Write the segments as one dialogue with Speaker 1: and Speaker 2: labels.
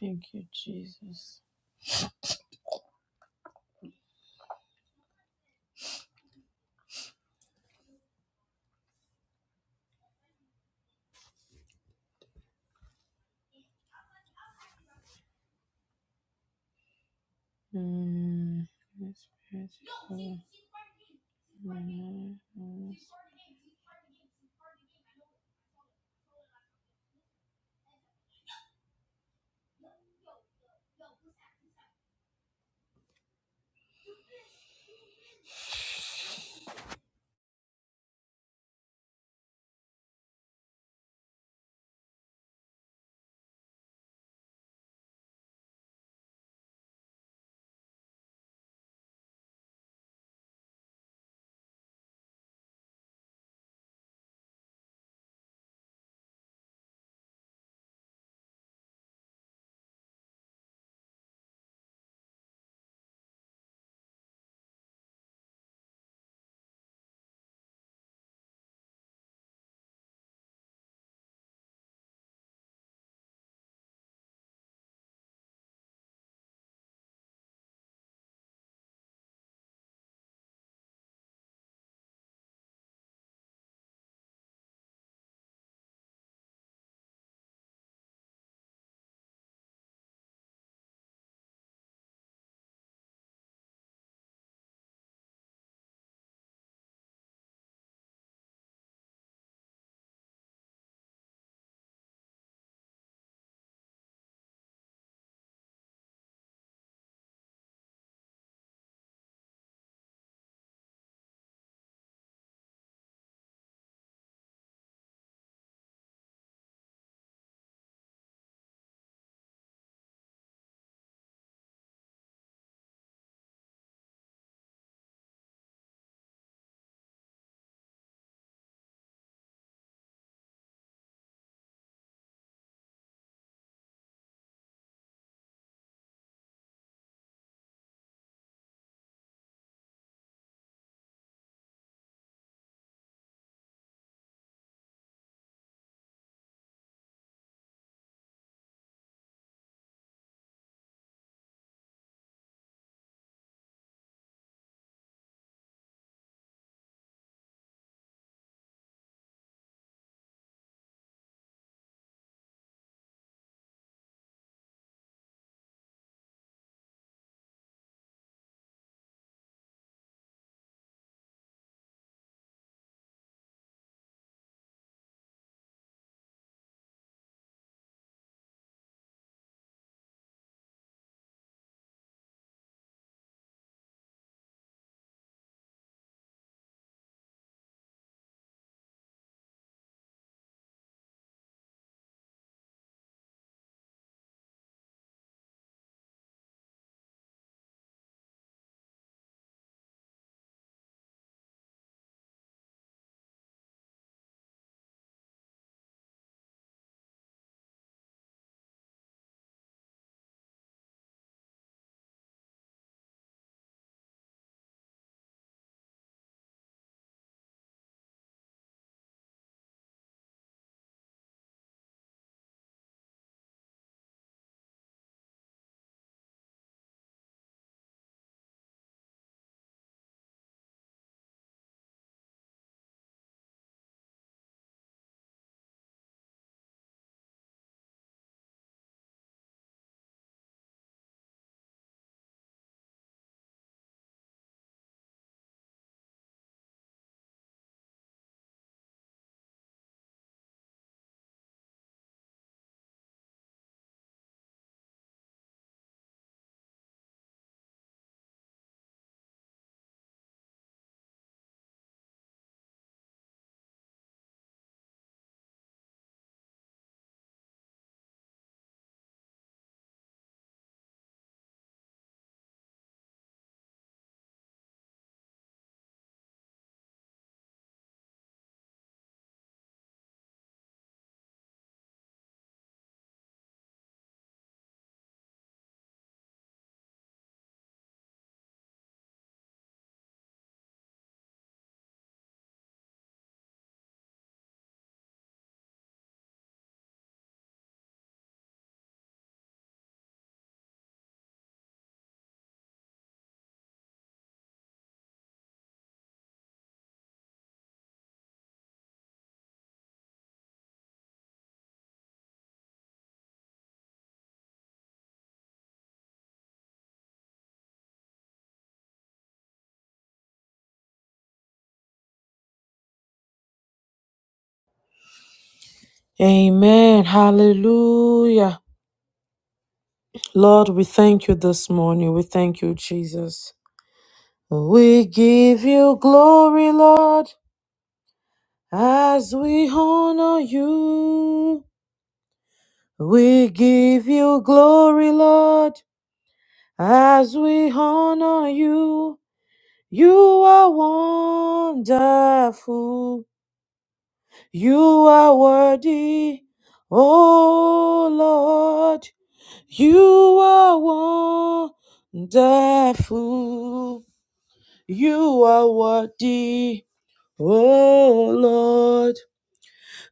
Speaker 1: Thank you, Jesus. Mm, Holy Spirit, Father, mm, mm. Amen. Hallelujah. Lord, we thank you this morning. We thank you, Jesus. We give you glory, Lord, as we honor you. We give you glory, Lord, as we honor you. You are wonderful. You are worthy. Oh Lord, you are wonderful. You are worthy. Oh Lord,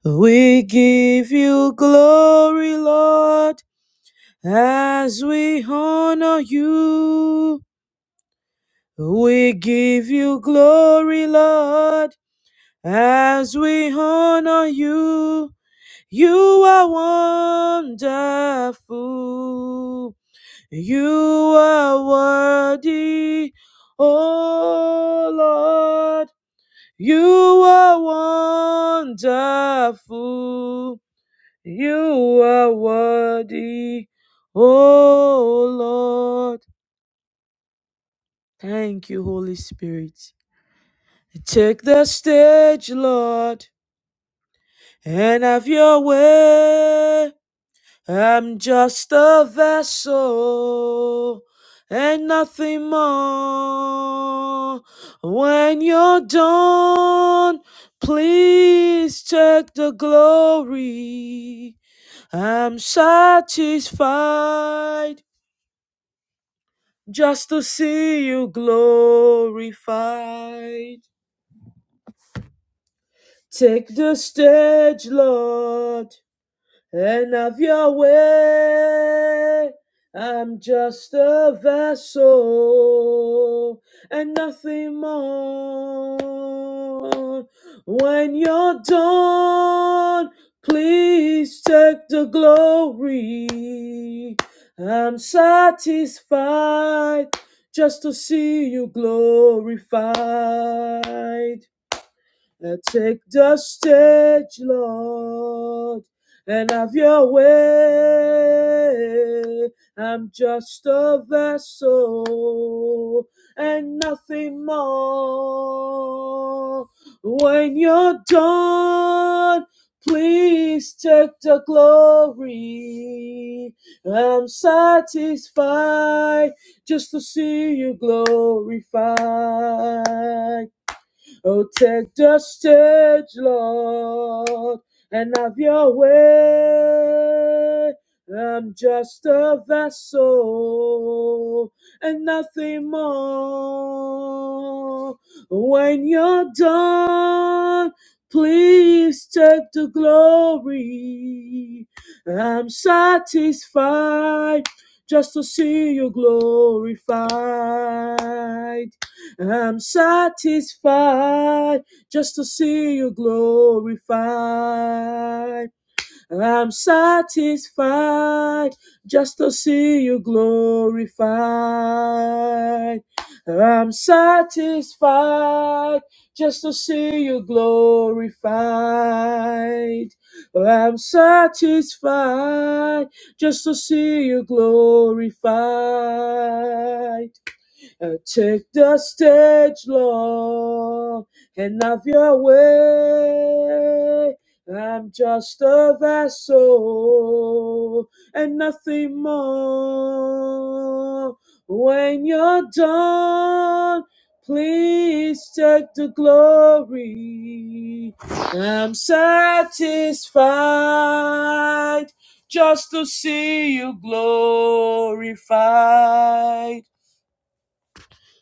Speaker 1: we give you glory, Lord, as we honor you. We give you glory, Lord As we honor you, you are wonderful. You are worthy, oh Lord. You are wonderful. You are worthy, oh Lord. Thank you, Holy Spirit. Take the stage, Lord, and have your way. I'm just a vessel and nothing more. When you're done, please take the glory. I'm satisfied just to see you glorified. Take the stage, Lord. and of your way. I'm just a vessel and nothing more. When you're done, please take the glory. I'm satisfied just to see you glorified. Uh, Take the stage, Lord, and have your way. I'm just a vessel and nothing more. When you're done, please take the glory. I'm satisfied just to see you glorified. Oh, take the stage, Lord, and have your way. I'm just a vessel and nothing more. When you're done, please take the glory. I'm satisfied just to see you glorified. I'm satisfied just to see you glorified. I'm satisfied just to see you glorified. I'm satisfied just to see you glorified. I'm satisfied just to see you glorified. Uh, take the stage, Lord, and have your way. I'm just a vessel and nothing more. When you're done, please take the glory. I'm satisfied just to see you glorified.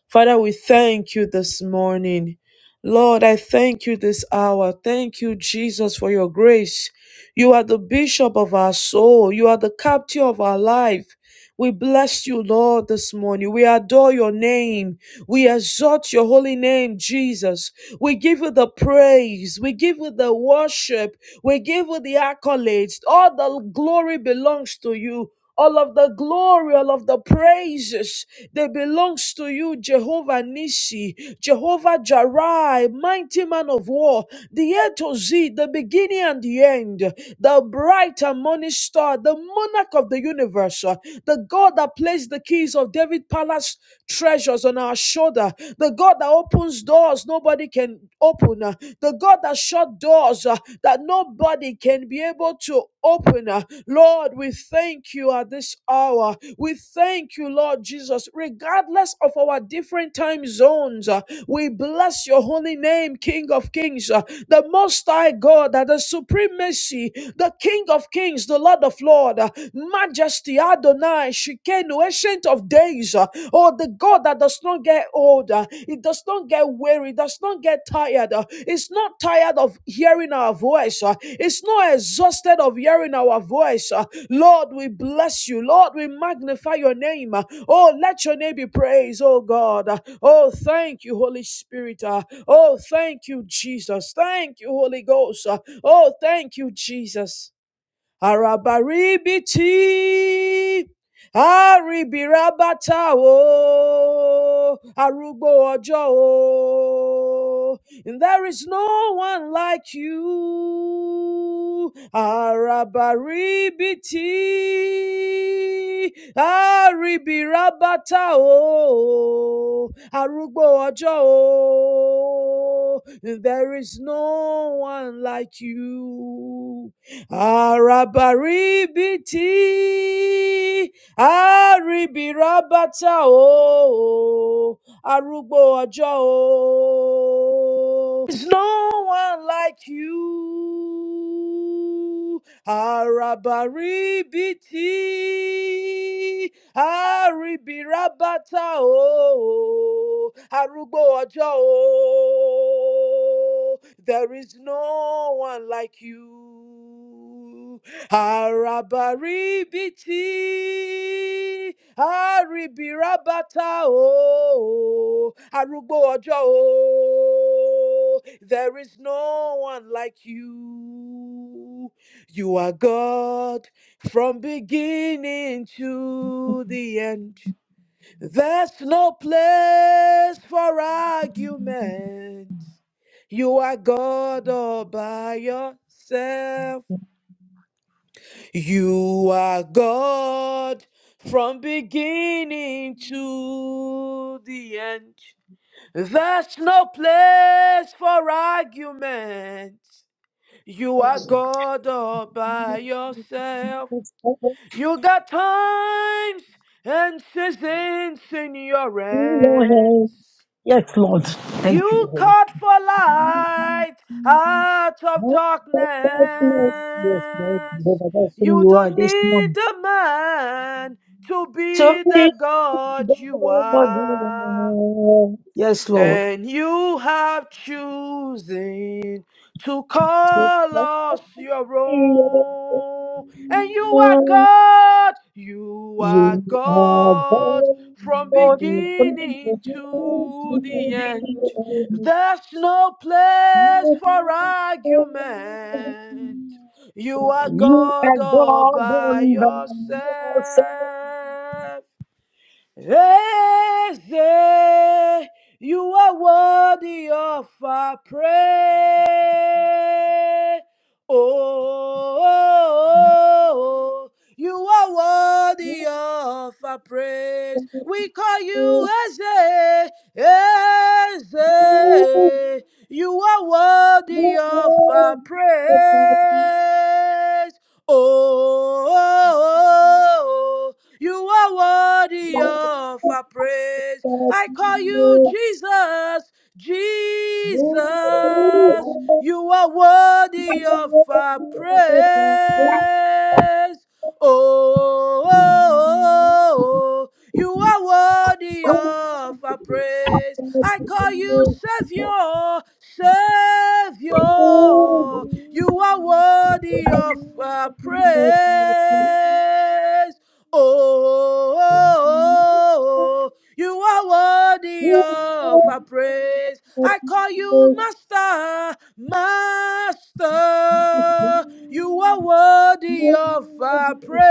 Speaker 1: Father, we thank you this morning. Lord, I thank you this hour. Thank you, Jesus, for your grace. You are the bishop of our soul. You are the captain of our life. We bless you, Lord, this morning. We adore your name. We exalt your holy name, Jesus. We give you the praise. We give you the worship. We give you the accolades. All the glory belongs to you. All of the glory, all of the praises, they belongs to you, Jehovah Nissi, Jehovah Jireh, mighty man of war, the A to Z, the beginning and the end, the bright and morning star, the monarch of the universe, uh, the God that placed the keys of David palace treasures on our shoulder, the God that opens doors nobody can open, uh, the God that that shut doors uh, that nobody can be able to open. uh, Lord, we thank you at this hour. We thank you, Lord Jesus, regardless of our different time zones. uh, We bless your holy name, King of Kings, uh, the Most High God, uh, the Supremacy, the King of Kings, the Lord of Lords, uh, Majesty Adonai, Shikenu, Ancient of Days. uh, Oh, the God that does not get old, uh, it does not get weary, does not get tired. uh, It's not tired of hearing our voice, uh, it's not exhausted of hearing our voice. uh. Lord, we bless you. Lord, we magnify your name. uh. Oh, let your name be praised, oh God. uh. Oh, thank you, Holy Spirit. uh. Oh, thank you, Jesus. Thank you, Holy Ghost. uh. Oh, thank you, Jesus àràbàrìbìtì àrìbìràbàtà o arúgbó ọjọ́ o and there is no one like you àràbàrìbìtì àrìbìràbàtà o arúgbó ọjọ́ o and there is no one like you. Arabaribiti, aribirabata o, arugbo ọjọ́ o. There's no one like you. Arabaribiti, àríbìrábátà o arúgbó ọjọ́ o there is no one like you àràbàríbìtì àríbìrábátà o arúgbó ọjọ́ o there is no one like you you are God from beginning to the end. There's no place for argument. You are God all by yourself. You are God from beginning to the end. There's no place for argument. You are God all by yourself.
Speaker 2: Yes,
Speaker 1: You got times and seasons in your
Speaker 2: Lord.
Speaker 1: hands.
Speaker 2: Yes, Lord. Thank you,
Speaker 1: You
Speaker 2: Holy
Speaker 1: called for light out of darkness.
Speaker 2: Spirit. Yes, yes, Lord. Jehovah, That's who
Speaker 1: You
Speaker 2: you are
Speaker 1: don't
Speaker 2: this
Speaker 1: need
Speaker 2: morning.
Speaker 1: a man to
Speaker 2: To
Speaker 1: be
Speaker 2: me,
Speaker 1: the God you
Speaker 2: God.
Speaker 1: are
Speaker 2: Yes, Lord.
Speaker 1: and you have chosen to
Speaker 2: To
Speaker 1: call
Speaker 2: me,
Speaker 1: us your own. And you are God, you are
Speaker 2: You are
Speaker 1: God from
Speaker 2: God. From
Speaker 1: beginning
Speaker 3: Thank
Speaker 2: the
Speaker 1: to
Speaker 2: beginning
Speaker 1: the
Speaker 2: to the
Speaker 1: end.
Speaker 2: end.
Speaker 1: There's no place for argument. You are
Speaker 2: You
Speaker 1: God
Speaker 2: are
Speaker 1: all
Speaker 2: God
Speaker 1: by
Speaker 2: on by yourself.
Speaker 1: yourself. Eze, you are worthy of our praise. Oh, oh, oh, you are worthy of our praise. We call you Eze, Eze. You are worthy of our praise. Oh, oh, oh, oh, you are worthy of our praise. I call you Jesus, Jesus. You are worthy of our praise. Oh, oh, oh, oh. you are worthy of our praise. I call you Savior, Savior. You are worthy of our praise. Oh, oh, oh, oh, you are worthy of our praise. I call you
Speaker 3: you.
Speaker 1: Master, Master. You are worthy of our praise.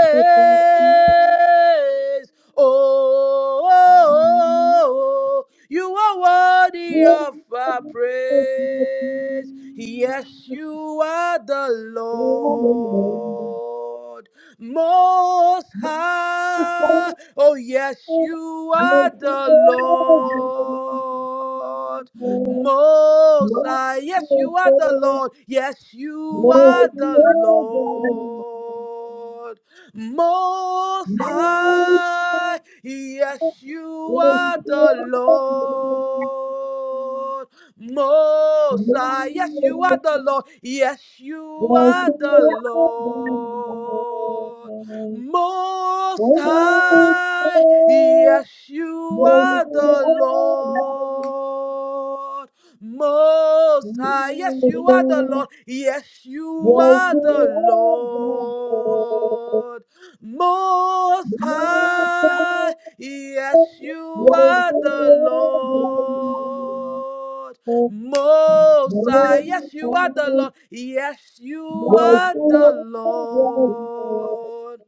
Speaker 1: Oh, oh, oh, oh, you are worthy of our praise. Yes, you are the
Speaker 4: Amen.
Speaker 1: Lord. Most High. Oh, yes, you are the Lord. Most High. Yes, you are the Lord. Yes, you are the Lord. Most High. Yes, you are the Lord. Most high, Yes, you are the
Speaker 3: Yes,
Speaker 1: Lord. Yes, you are the
Speaker 3: Yes,
Speaker 1: Lord. Most High. Yes, you are the Lord. Most High. Yes, you are the Lord. Yes, you are the Lord. Most High. Yes, you are the Lord. Most High. Yes, you are the Lord. Yes, you are the Lord.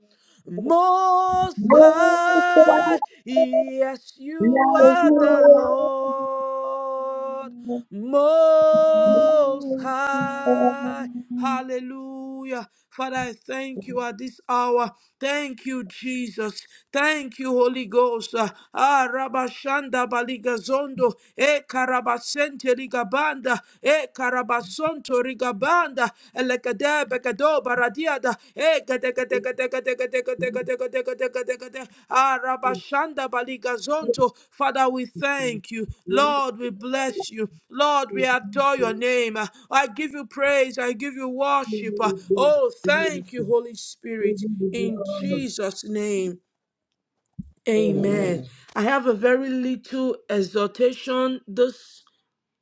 Speaker 1: Most High, yes, you
Speaker 3: and
Speaker 1: are the Lord. Most High, hallelujah. Father, I thank you at this hour. Thank you, Jesus. Thank you, Holy Ghost. Ah, Rabashanda Baligazondo, E Karabasente da e karabason torigabanda elekade bekado baradiada e gade gade gade gade gade gade gade gade gade gade gade arabashanda baligazonto father we thank you lord we bless you lord we adore your name i give you praise i give you worship oh thank you holy spirit in jesus name Amen. I have a very little exhortation this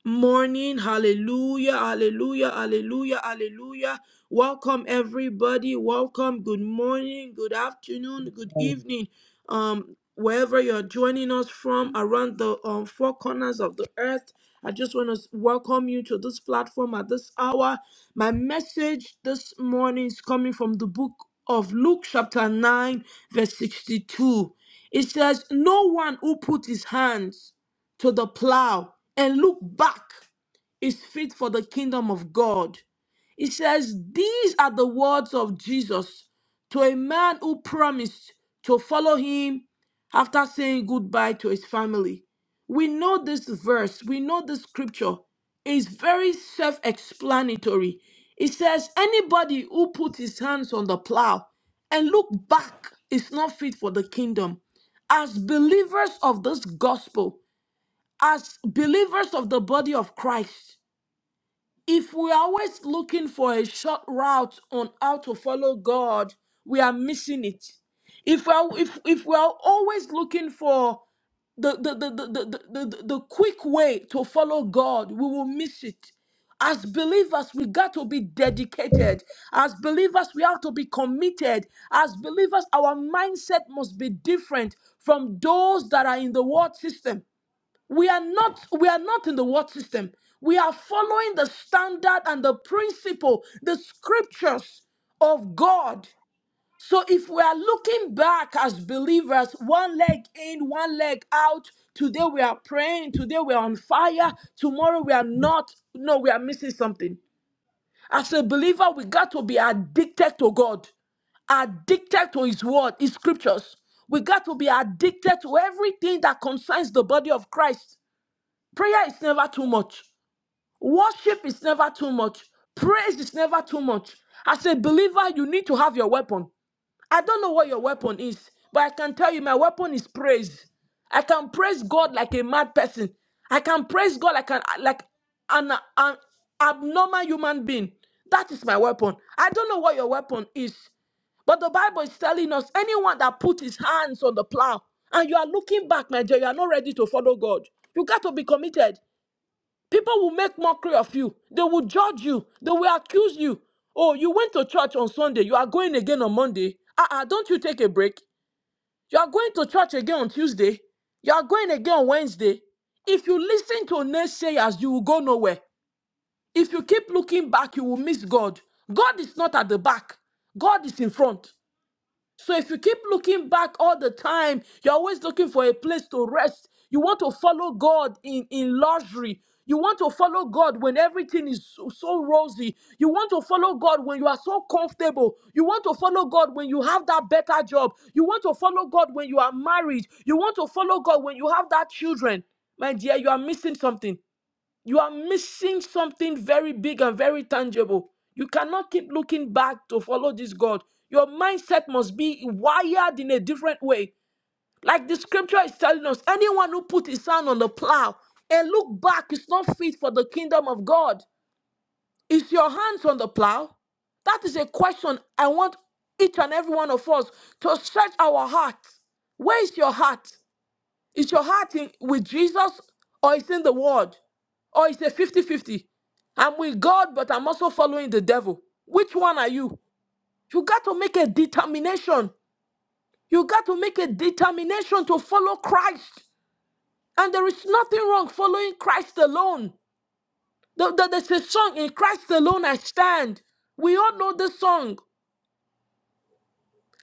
Speaker 1: morning. Hallelujah, hallelujah, hallelujah, hallelujah. Welcome, everybody. Welcome. Good morning, good afternoon, good evening. Um, wherever you're joining us from around the um, four corners of the earth, I just want to welcome you to this platform at this hour. My message this morning is coming from the book of Luke, chapter 9, verse 62. It says, No one who put his hands to the plow and look back is fit for the kingdom of God. It says, These are the words of Jesus to a man who promised to follow him after saying goodbye to his family. We know this verse, we know this scripture is very self explanatory. It says, Anybody who puts his hands on the plow and look back is not fit for the kingdom. As believers of this gospel, as believers of the body of Christ, if we're always looking for a short route on how to follow God, we are missing it. If we're, if, if we're always looking for the, the, the, the, the, the, the the quick way to follow God, we will miss it. As believers, we got to be dedicated. As believers, we have to be committed. As believers, our mindset must be different from those that are in the world system we are not we are not in the world system we are following the standard and the principle the scriptures of god so if we are looking back as believers one leg in one leg out today we are praying today we are on fire tomorrow we are not no we are missing something as a believer we got to be addicted to god addicted to his word, his scriptures. We got to be addicted to everything that concerns the body of Christ. Prayer is never too much. Worship is never too much. Praise is never too much. As a believer, you need to have your weapon. I don't know what your weapon is, but I can tell you my weapon is praise. I can praise God like a mad person. I can praise God like an like an, an abnormal human being. That is my weapon. I don't know what your weapon is, but the Bible is telling us anyone that put his hands on the plow and you are looking back, my dear, you are not ready to follow God. You got to be committed. People will make mockery of you. They will judge you. They will accuse you. Oh, you went to church on Sunday. You are going again on Monday. Ah, uh don't you take a break? You are going to church again on Tuesday. You are going again on Wednesday. If you listen to naysayers, you will go nowhere. If you keep looking back, you will miss God. God is not at the back, God is in front. So if you keep looking back all the time, you're always looking for a place to rest. You want to follow God in, in luxury. You want to follow God when everything is so, so rosy. You want to follow God when you are so comfortable. You want to follow God when you have that better job. You want to follow God when you are married. You want to follow God when you have that children. My dear, you are missing something. You are missing something very big and very tangible. You cannot keep looking back to follow this God. Your mindset must be wired in a different way. Like the scripture is telling us, anyone who put his hand on the plow and look back is not fit for the kingdom of God. Is your hands on the plow? That is a question I want each and every one of us to search our hearts. Where is your heart? Is your heart in, with Jesus or is in the world? Or is it 5050 I'm with God, but I'm also following the devil. Which one are you? You got to make a determination. You got to make a determination to follow Christ. And there is nothing wrong following Christ alone. There- there- There's a song in Christ alone I stand. We all know this song.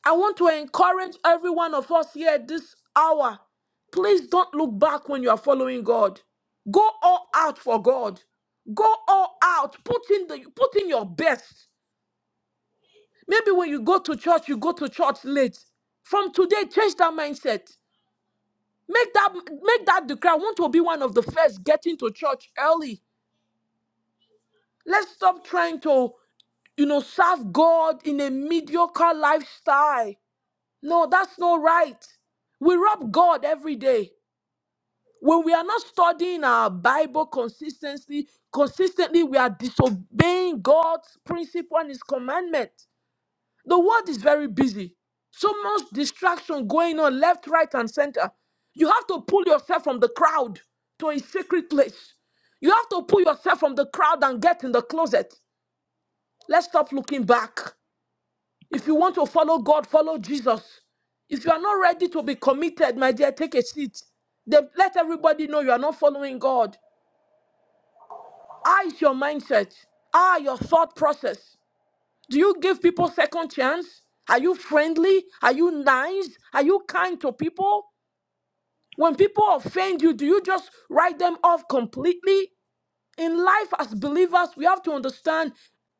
Speaker 1: I want to encourage every one of us here at this hour. Please don't look back when you are following God. Go all out for God. Go all out. Put in the put in your best. Maybe when you go to church, you go to church late. From today, change that mindset. Make that make that decree. I want to be one of the first getting to church early. Let's stop trying to, you know, serve God in a mediocre lifestyle. No, that's not right. We rob God every day. When we are not studying our Bible consistently, consistently we are disobeying God's principle and his commandment. The world is very busy. So much distraction going on left, right, and center. You have to pull yourself from the crowd to a secret place. You have to pull yourself from the crowd and get in the closet. Let's stop looking back. If you want to follow God, follow Jesus. If you are not ready to be committed, my dear, take a seat. Then let everybody know you are not following God. Are is your mindset? How Are your thought process? Do you give people second chance? Are you friendly? Are you nice? Are you kind to people? When people offend you, do you just write them off completely? In life as believers, we have to understand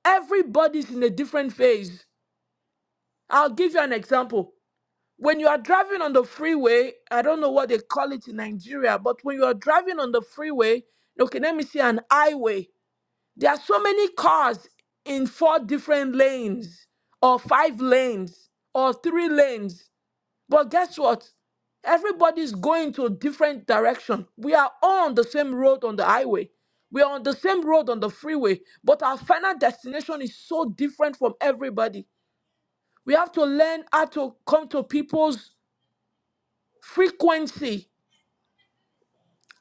Speaker 1: everybody's in a different phase. I'll give you an example. When you are driving on the freeway, I don't know what they call it in Nigeria, but when you are driving on the freeway, okay, let me see an highway. There are so many cars in four different lanes, or five lanes, or three lanes. But guess what? Everybody's going to a different direction. We are all on the same road on the highway. We are on the same road on the freeway, but our final destination is so different from everybody. We have to learn how to come to people's frequency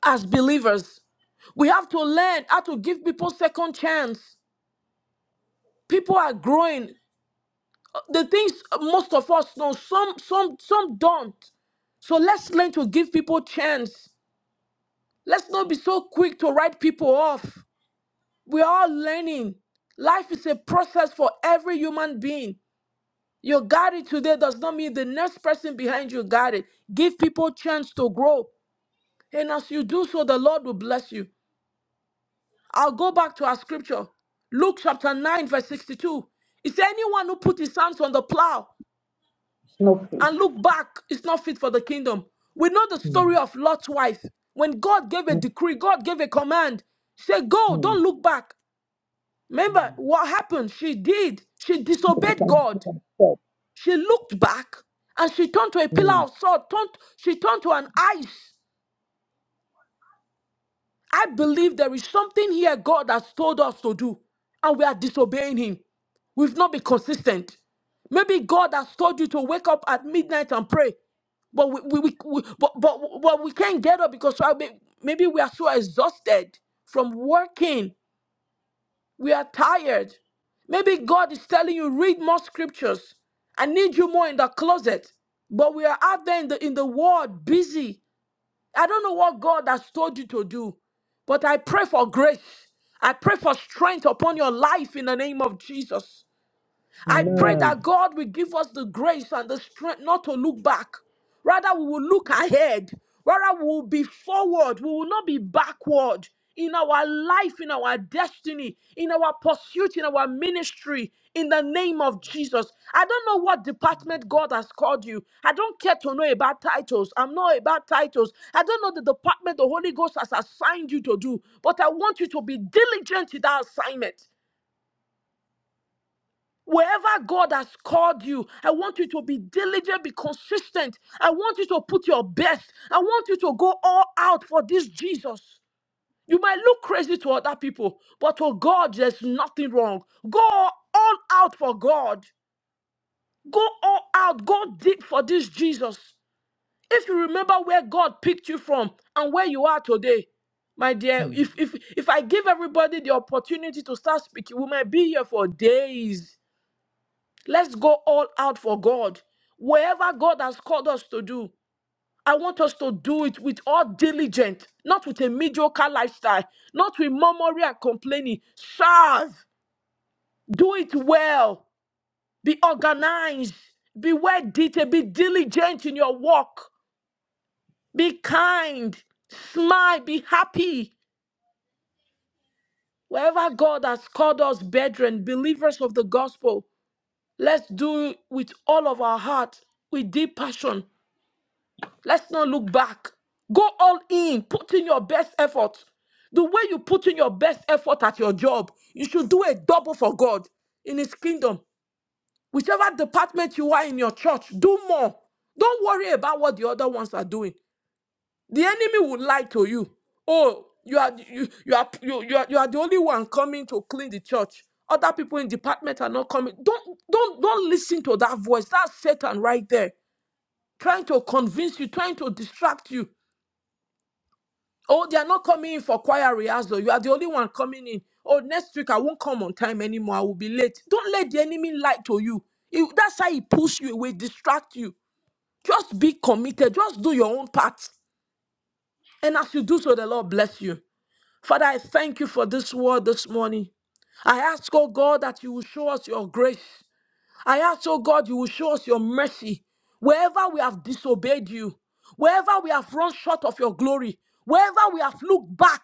Speaker 1: as believers. We have to learn how to give people second chance. People are growing. the things most of us know some some some don't so let's learn to give people chance let's not be so quick to write people off we're learning life is a process for every human being you got it today does not mean the next person behind you got it give people chance to grow and as you do so the lord will bless you i'll go back to our scripture luke chapter 9 verse 62 it's anyone who put his hands on the plow
Speaker 3: snowflake.
Speaker 1: and look back is not fit for the kingdom. We know the story
Speaker 3: Hmm.
Speaker 1: of Lot's wife. When God gave a
Speaker 3: Hmm.
Speaker 1: decree, God gave a command, she said, Go,
Speaker 3: Hmm.
Speaker 1: don't look back. Remember
Speaker 3: Hmm.
Speaker 1: what happened? She did. She
Speaker 3: It
Speaker 1: disobeyed
Speaker 3: becomes
Speaker 1: God.
Speaker 3: felt.
Speaker 1: She looked back and she turned to a
Speaker 3: Hmm.
Speaker 1: pillar of salt, turned, she turned to an ice. I believe there is something here God has told us to do, and we are disobeying Him. We've not been consistent. Maybe God has told you to wake up at midnight and pray, but we, we, we, we- but, but, but we can't get up because I may- maybe we are so exhausted from working. We are tired. Maybe God is telling you, read more scriptures. I need you more in the closet. But we are out there in the, in the world busy. I don't know what God has told you to do, but I pray for grace. I pray for strength upon your life in the name of Jesus. I pray
Speaker 3: No.
Speaker 1: that God will give us the grace and the strength not to look back. Rather, we will look ahead. Rather, we will be forward. We will not be backward in our life, in our destiny, in our pursuit, in our ministry, in the name of Jesus. I don't know what department God has called you. I don't care to know about titles. I'm not about titles. I don't know the department the Holy Ghost has assigned you to do, but I want you to be diligent in that assignment. Wherever God has called you, I want you to be diligent, be consistent. I want you to put your best. I want you to go all out for this Jesus. You might look crazy to other people, but for God, there's nothing wrong. Go all out for God. Go all out. Go deep for this Jesus. If you remember where God picked you from and where you are today, my dear,
Speaker 3: Hmm.
Speaker 1: if if if I give everybody the opportunity to start speaking, we might be here for days. Let's go all out for God. Wherever God has called us to do, I want us to do it with all diligence, not with a mediocre lifestyle, not with murmuring and complaining. Serve, do it well, be organized, be well detailed, be diligent in your work, be kind, smile, be happy. Wherever God has called us, brethren, believers of the gospel, let's do it with all of our heart, with deep passion, Let's not look back. Go all in. Put in your best effort. The way you put in your best effort at your job, you should do a double for God in His kingdom. Whichever department you are in your church, do more. Don't worry about what the other ones are doing. The enemy will lie to you. Oh, you are you you are you, you are you are the only one coming to clean the church. Other people in department are not coming. Don't don't don't listen to that voice. That's Satan right there, trying to convince you, trying to distract you. Oh, they are not coming in for choir rehearsal. You are the only one coming in. Oh, next week I won't come on time anymore. I will be late. Don't let the enemy lie to you. He- that's how he pulls you away, distract you. Just be committed. Just do your own part. And as you do so, the Lord bless you. Father, I thank you for this word this morning. I ask, oh God, that you will show us your grace. I ask, oh God, you will show us your mercy wherever we have disobeyed you, wherever we have run short of your glory, wherever we have looked back,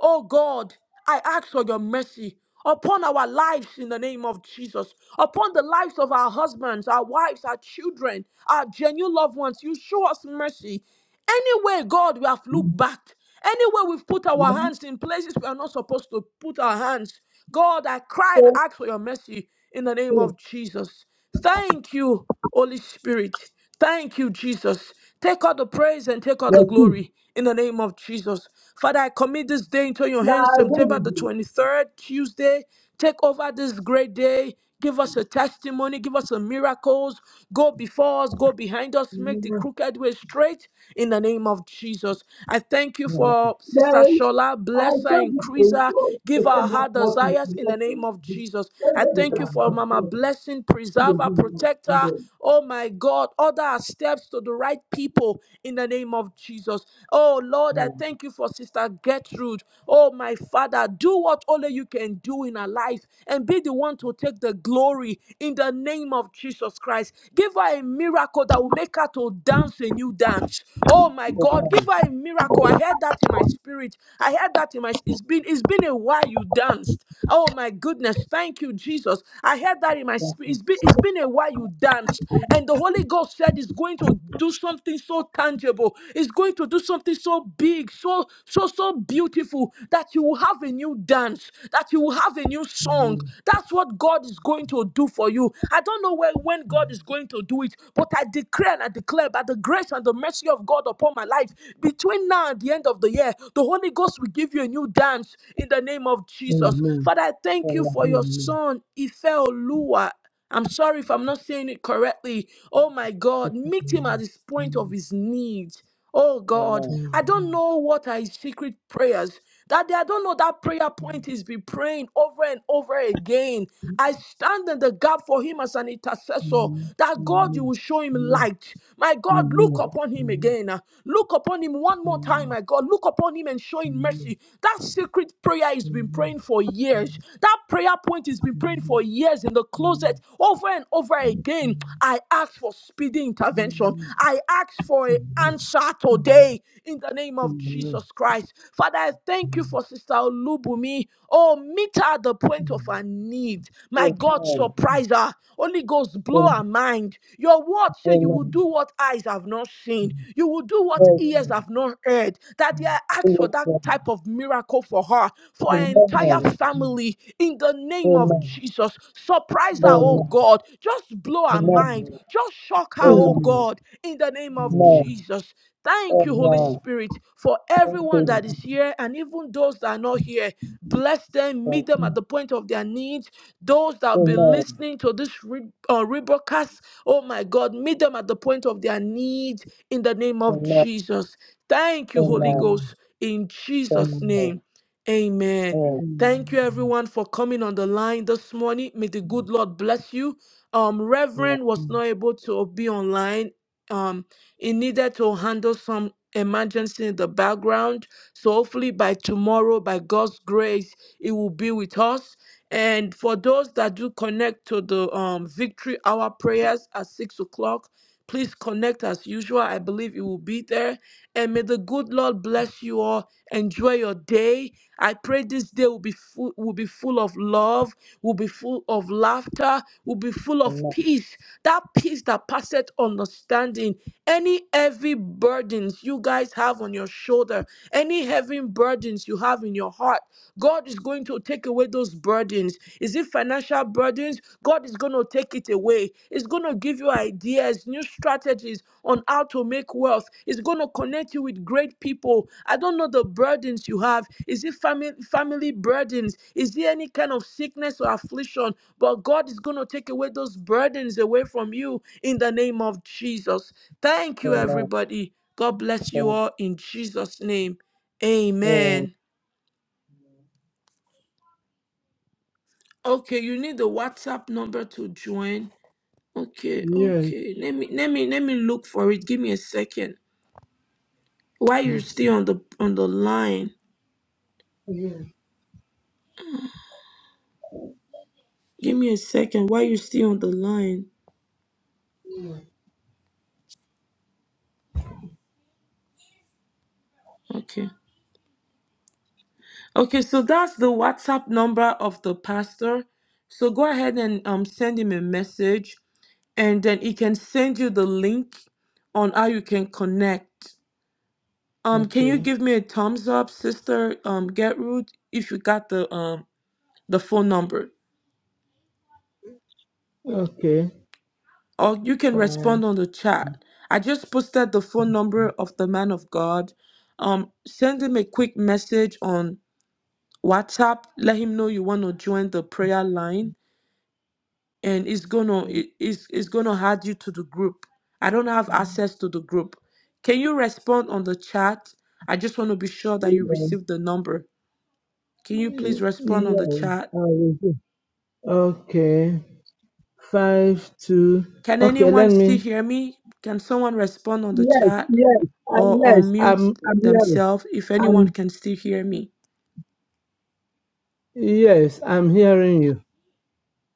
Speaker 1: oh God, I ask for your mercy upon our lives in the name of Jesus, upon the lives of our husbands, our wives, our children, our genuine loved ones. You show us mercy. Anyway, God, we have looked back. Anywhere we've put our hands in places we are not supposed to put our hands. God, I cry and ask for your mercy in the name of Jesus. Thank you, Holy Spirit. Thank you, Jesus. Take all the praise and take all the
Speaker 4: The two.
Speaker 1: glory in the name of Jesus. Father, I commit this day into your
Speaker 4: Now,
Speaker 1: hands,
Speaker 4: I don't
Speaker 1: September
Speaker 4: need
Speaker 1: the
Speaker 4: you
Speaker 1: 23rd, Tuesday. Take over this great day. Give us a testimony. Give us some miracles. Go before us. Go behind us. Make the
Speaker 4: do.
Speaker 1: crooked way straight in the name of Jesus. I thank you
Speaker 3: No.
Speaker 1: for
Speaker 4: Then,
Speaker 1: Sister Shola.
Speaker 4: I
Speaker 1: Bless her,
Speaker 4: told you, they
Speaker 1: increase her.
Speaker 4: told they
Speaker 1: Give her
Speaker 4: said not
Speaker 1: her
Speaker 4: watching,
Speaker 1: desires
Speaker 4: I'm
Speaker 1: in
Speaker 4: not
Speaker 1: the name
Speaker 4: going to
Speaker 1: of
Speaker 4: do.
Speaker 1: Jesus.
Speaker 4: So,
Speaker 1: I
Speaker 4: they
Speaker 1: thank
Speaker 4: said,
Speaker 1: you
Speaker 4: I'm
Speaker 1: for
Speaker 4: not
Speaker 1: Mama
Speaker 4: going to do.
Speaker 1: Blessing.
Speaker 4: They
Speaker 1: Preserve her,
Speaker 4: didn't want
Speaker 1: protect
Speaker 4: to
Speaker 1: her.
Speaker 4: do it.
Speaker 1: Oh my God, order our steps to the right people in the name of Jesus. Oh Lord, I
Speaker 3: No.
Speaker 1: thank you for Sister Gertrude. Oh my Father, do what only you can do in her life and be the one to take the glory in the name of Jesus Christ. Give her a miracle that will make her to dance a new dance. Oh my God,
Speaker 3: Amen.
Speaker 1: give her a miracle. I heard that in my spirit. I heard that in my it's been it's been a while you danced. Oh my goodness, thank you, Jesus. Jesus. I heard that in my
Speaker 3: Yes,
Speaker 1: spirit. It's been, it's been a while you danced, and the Holy Ghost said it's going to do something so tangible. It's going to do something so big, so so so beautiful that you will have a new dance, that you will have a new song. That's what God is going to do for you. I don't know where, when God is going to do it, but I declare and I declare by the grace and the mercy of God upon my life, between now and the end of the year, the Holy Ghost will give you a new dance in the name of name of Jesus.
Speaker 4: Amen.
Speaker 1: Father, I thank you for
Speaker 3: Amen.
Speaker 1: your
Speaker 4: Amen.
Speaker 1: son, Ife Olua. I'm sorry if I'm not saying it correctly. Oh my God, meet him at
Speaker 4: Amen.
Speaker 1: this point of his need. Oh God,
Speaker 3: Amen.
Speaker 1: I don't
Speaker 4: Amen.
Speaker 1: know what are his secret prayers. That day, I don't know that prayer point is be praying over and over again. I stand in the gap for him as an intercessor. That God, you will
Speaker 4: Amen.
Speaker 1: show him
Speaker 4: Amen.
Speaker 1: light. My God, look
Speaker 4: Amen.
Speaker 1: upon him
Speaker 4: Amen.
Speaker 1: again. Look upon him one more
Speaker 4: Amen.
Speaker 1: time. My God, look look upon him and show him
Speaker 4: Yes.
Speaker 1: mercy. That secret prayer has been praying for years. That prayer point has been praying for years in the closet over and over again. I ask for speedy intervention. I ask for an answer today in the name of Jesus Christ. Father, I thank you for Sister Olubumi. Oh, meet her at the point of her need. My
Speaker 3: Amen. Amen.
Speaker 1: God, surprise her. Holy Ghost, blow her mind. Your word say you will do what eyes have not seen seen. You will do what ears have not heard. Daddy, I ask for that type of miracle for her, for her entire family, in the name of Jesus. Surprise her, oh God. Just blow her mind. Just shock her,
Speaker 3: Amen. Amen.
Speaker 1: oh God, in the name of Jesus. Thank
Speaker 3: Yes,
Speaker 1: you, Holy
Speaker 3: Lord.
Speaker 1: Spirit, for
Speaker 3: Yes, Lord. Amen. Amen. Amen. Amen. Amen. Amen. Amen. Thank you,
Speaker 1: everyone that is here and even those that are not here. Bless them,
Speaker 3: Jesus.
Speaker 1: meet them at the point of their needs. Those that will be
Speaker 3: Amen.
Speaker 1: listening to this re- uh, rebroadcast, oh my God, meet them at the point of their needs in the name of
Speaker 3: Amen.
Speaker 1: Jesus. Thank you, Holy
Speaker 3: Amen.
Speaker 1: Ghost, in
Speaker 3: Thank
Speaker 1: Jesus' name.
Speaker 3: you.
Speaker 1: Amen. Thank you, everyone, for coming on the line this morning. May the good Lord bless you. Um,
Speaker 3: Amen.
Speaker 1: Reverend was not able to be online. Um, he needed to handle some emergency in the background. So hopefully by tomorrow, by God's grace, it will be with us. And for those that do connect to the um, Victory Hour prayers at six o'clock, Please connect as usual. I believe you will be there. And may the good Lord bless you all. Enjoy your day. I pray this day will be full, will be full of love, will be full of laughter, will be full of peace. That peace that passeth understanding. Any heavy burdens you guys have on your shoulder, any heavy burdens you have in your heart. God is going to take away those burdens. Is it financial burdens? God is going to take it away. It's going to give you ideas, new strategies on how to make wealth. It's going to connect you with great people. I don't know the burdens you have. Is it family family burdens? Is there any kind of sickness or affliction? But God is going to take away those burdens away from you in the name of Jesus. Thank you
Speaker 3: Amen.
Speaker 1: everybody. God bless you
Speaker 3: Thank
Speaker 1: all in Jesus name.
Speaker 3: you.
Speaker 1: Amen. Okay, you need the WhatsApp number to join. Okay,
Speaker 4: Yes.
Speaker 1: okay. Let me let me let me look for it. Give me a second. Why you're still on the on the line? Give me a second. Why you still on the line? Okay. Okay, so that's the WhatsApp number of the pastor. So go ahead and um send him a message and then he can send you the link on how you can connect. Um can you
Speaker 4: Okay.
Speaker 1: give me a thumbs up, sister um Gertrude, if you got the um the phone number?
Speaker 4: Okay.
Speaker 1: or you can
Speaker 4: Fine.
Speaker 1: respond on the chat. I just posted the phone number of the man of God. Um, send him a quick message on WhatsApp. Let him know you want to join the prayer line, and it's gonna it- it's, it's gonna add you to the group. I don't have access to the group. Can you respond on the chat? I just want to be sure that you
Speaker 4: Yeah.
Speaker 1: received the number. Can you please respond on the
Speaker 4: Yeah.
Speaker 1: chat?
Speaker 4: I will do. Okay. Five, two.
Speaker 1: Can
Speaker 4: Okay.
Speaker 1: anyone
Speaker 4: Let
Speaker 1: still
Speaker 4: me
Speaker 1: hear me? Can someone respond on the
Speaker 4: Yes,
Speaker 1: chat
Speaker 4: yes, I,
Speaker 1: or
Speaker 4: yes.
Speaker 1: unmute
Speaker 4: I'm, I'm hearing.
Speaker 1: themselves if anyone
Speaker 4: I'm
Speaker 1: can still hear me?
Speaker 4: yes, I'm hearing you.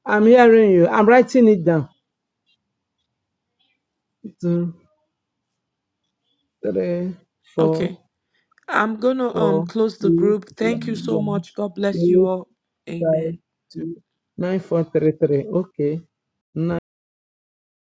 Speaker 4: I'm hearing you. I'm writing it down. Two, three, four,
Speaker 1: Okay. I'm gonna um
Speaker 4: four,
Speaker 1: close the
Speaker 4: eight,
Speaker 1: group. Thank you
Speaker 4: one,
Speaker 1: so
Speaker 4: one,
Speaker 1: much. God bless
Speaker 4: eight,
Speaker 1: you all. Amen.
Speaker 4: five, two, nine, four, three, three. Okay.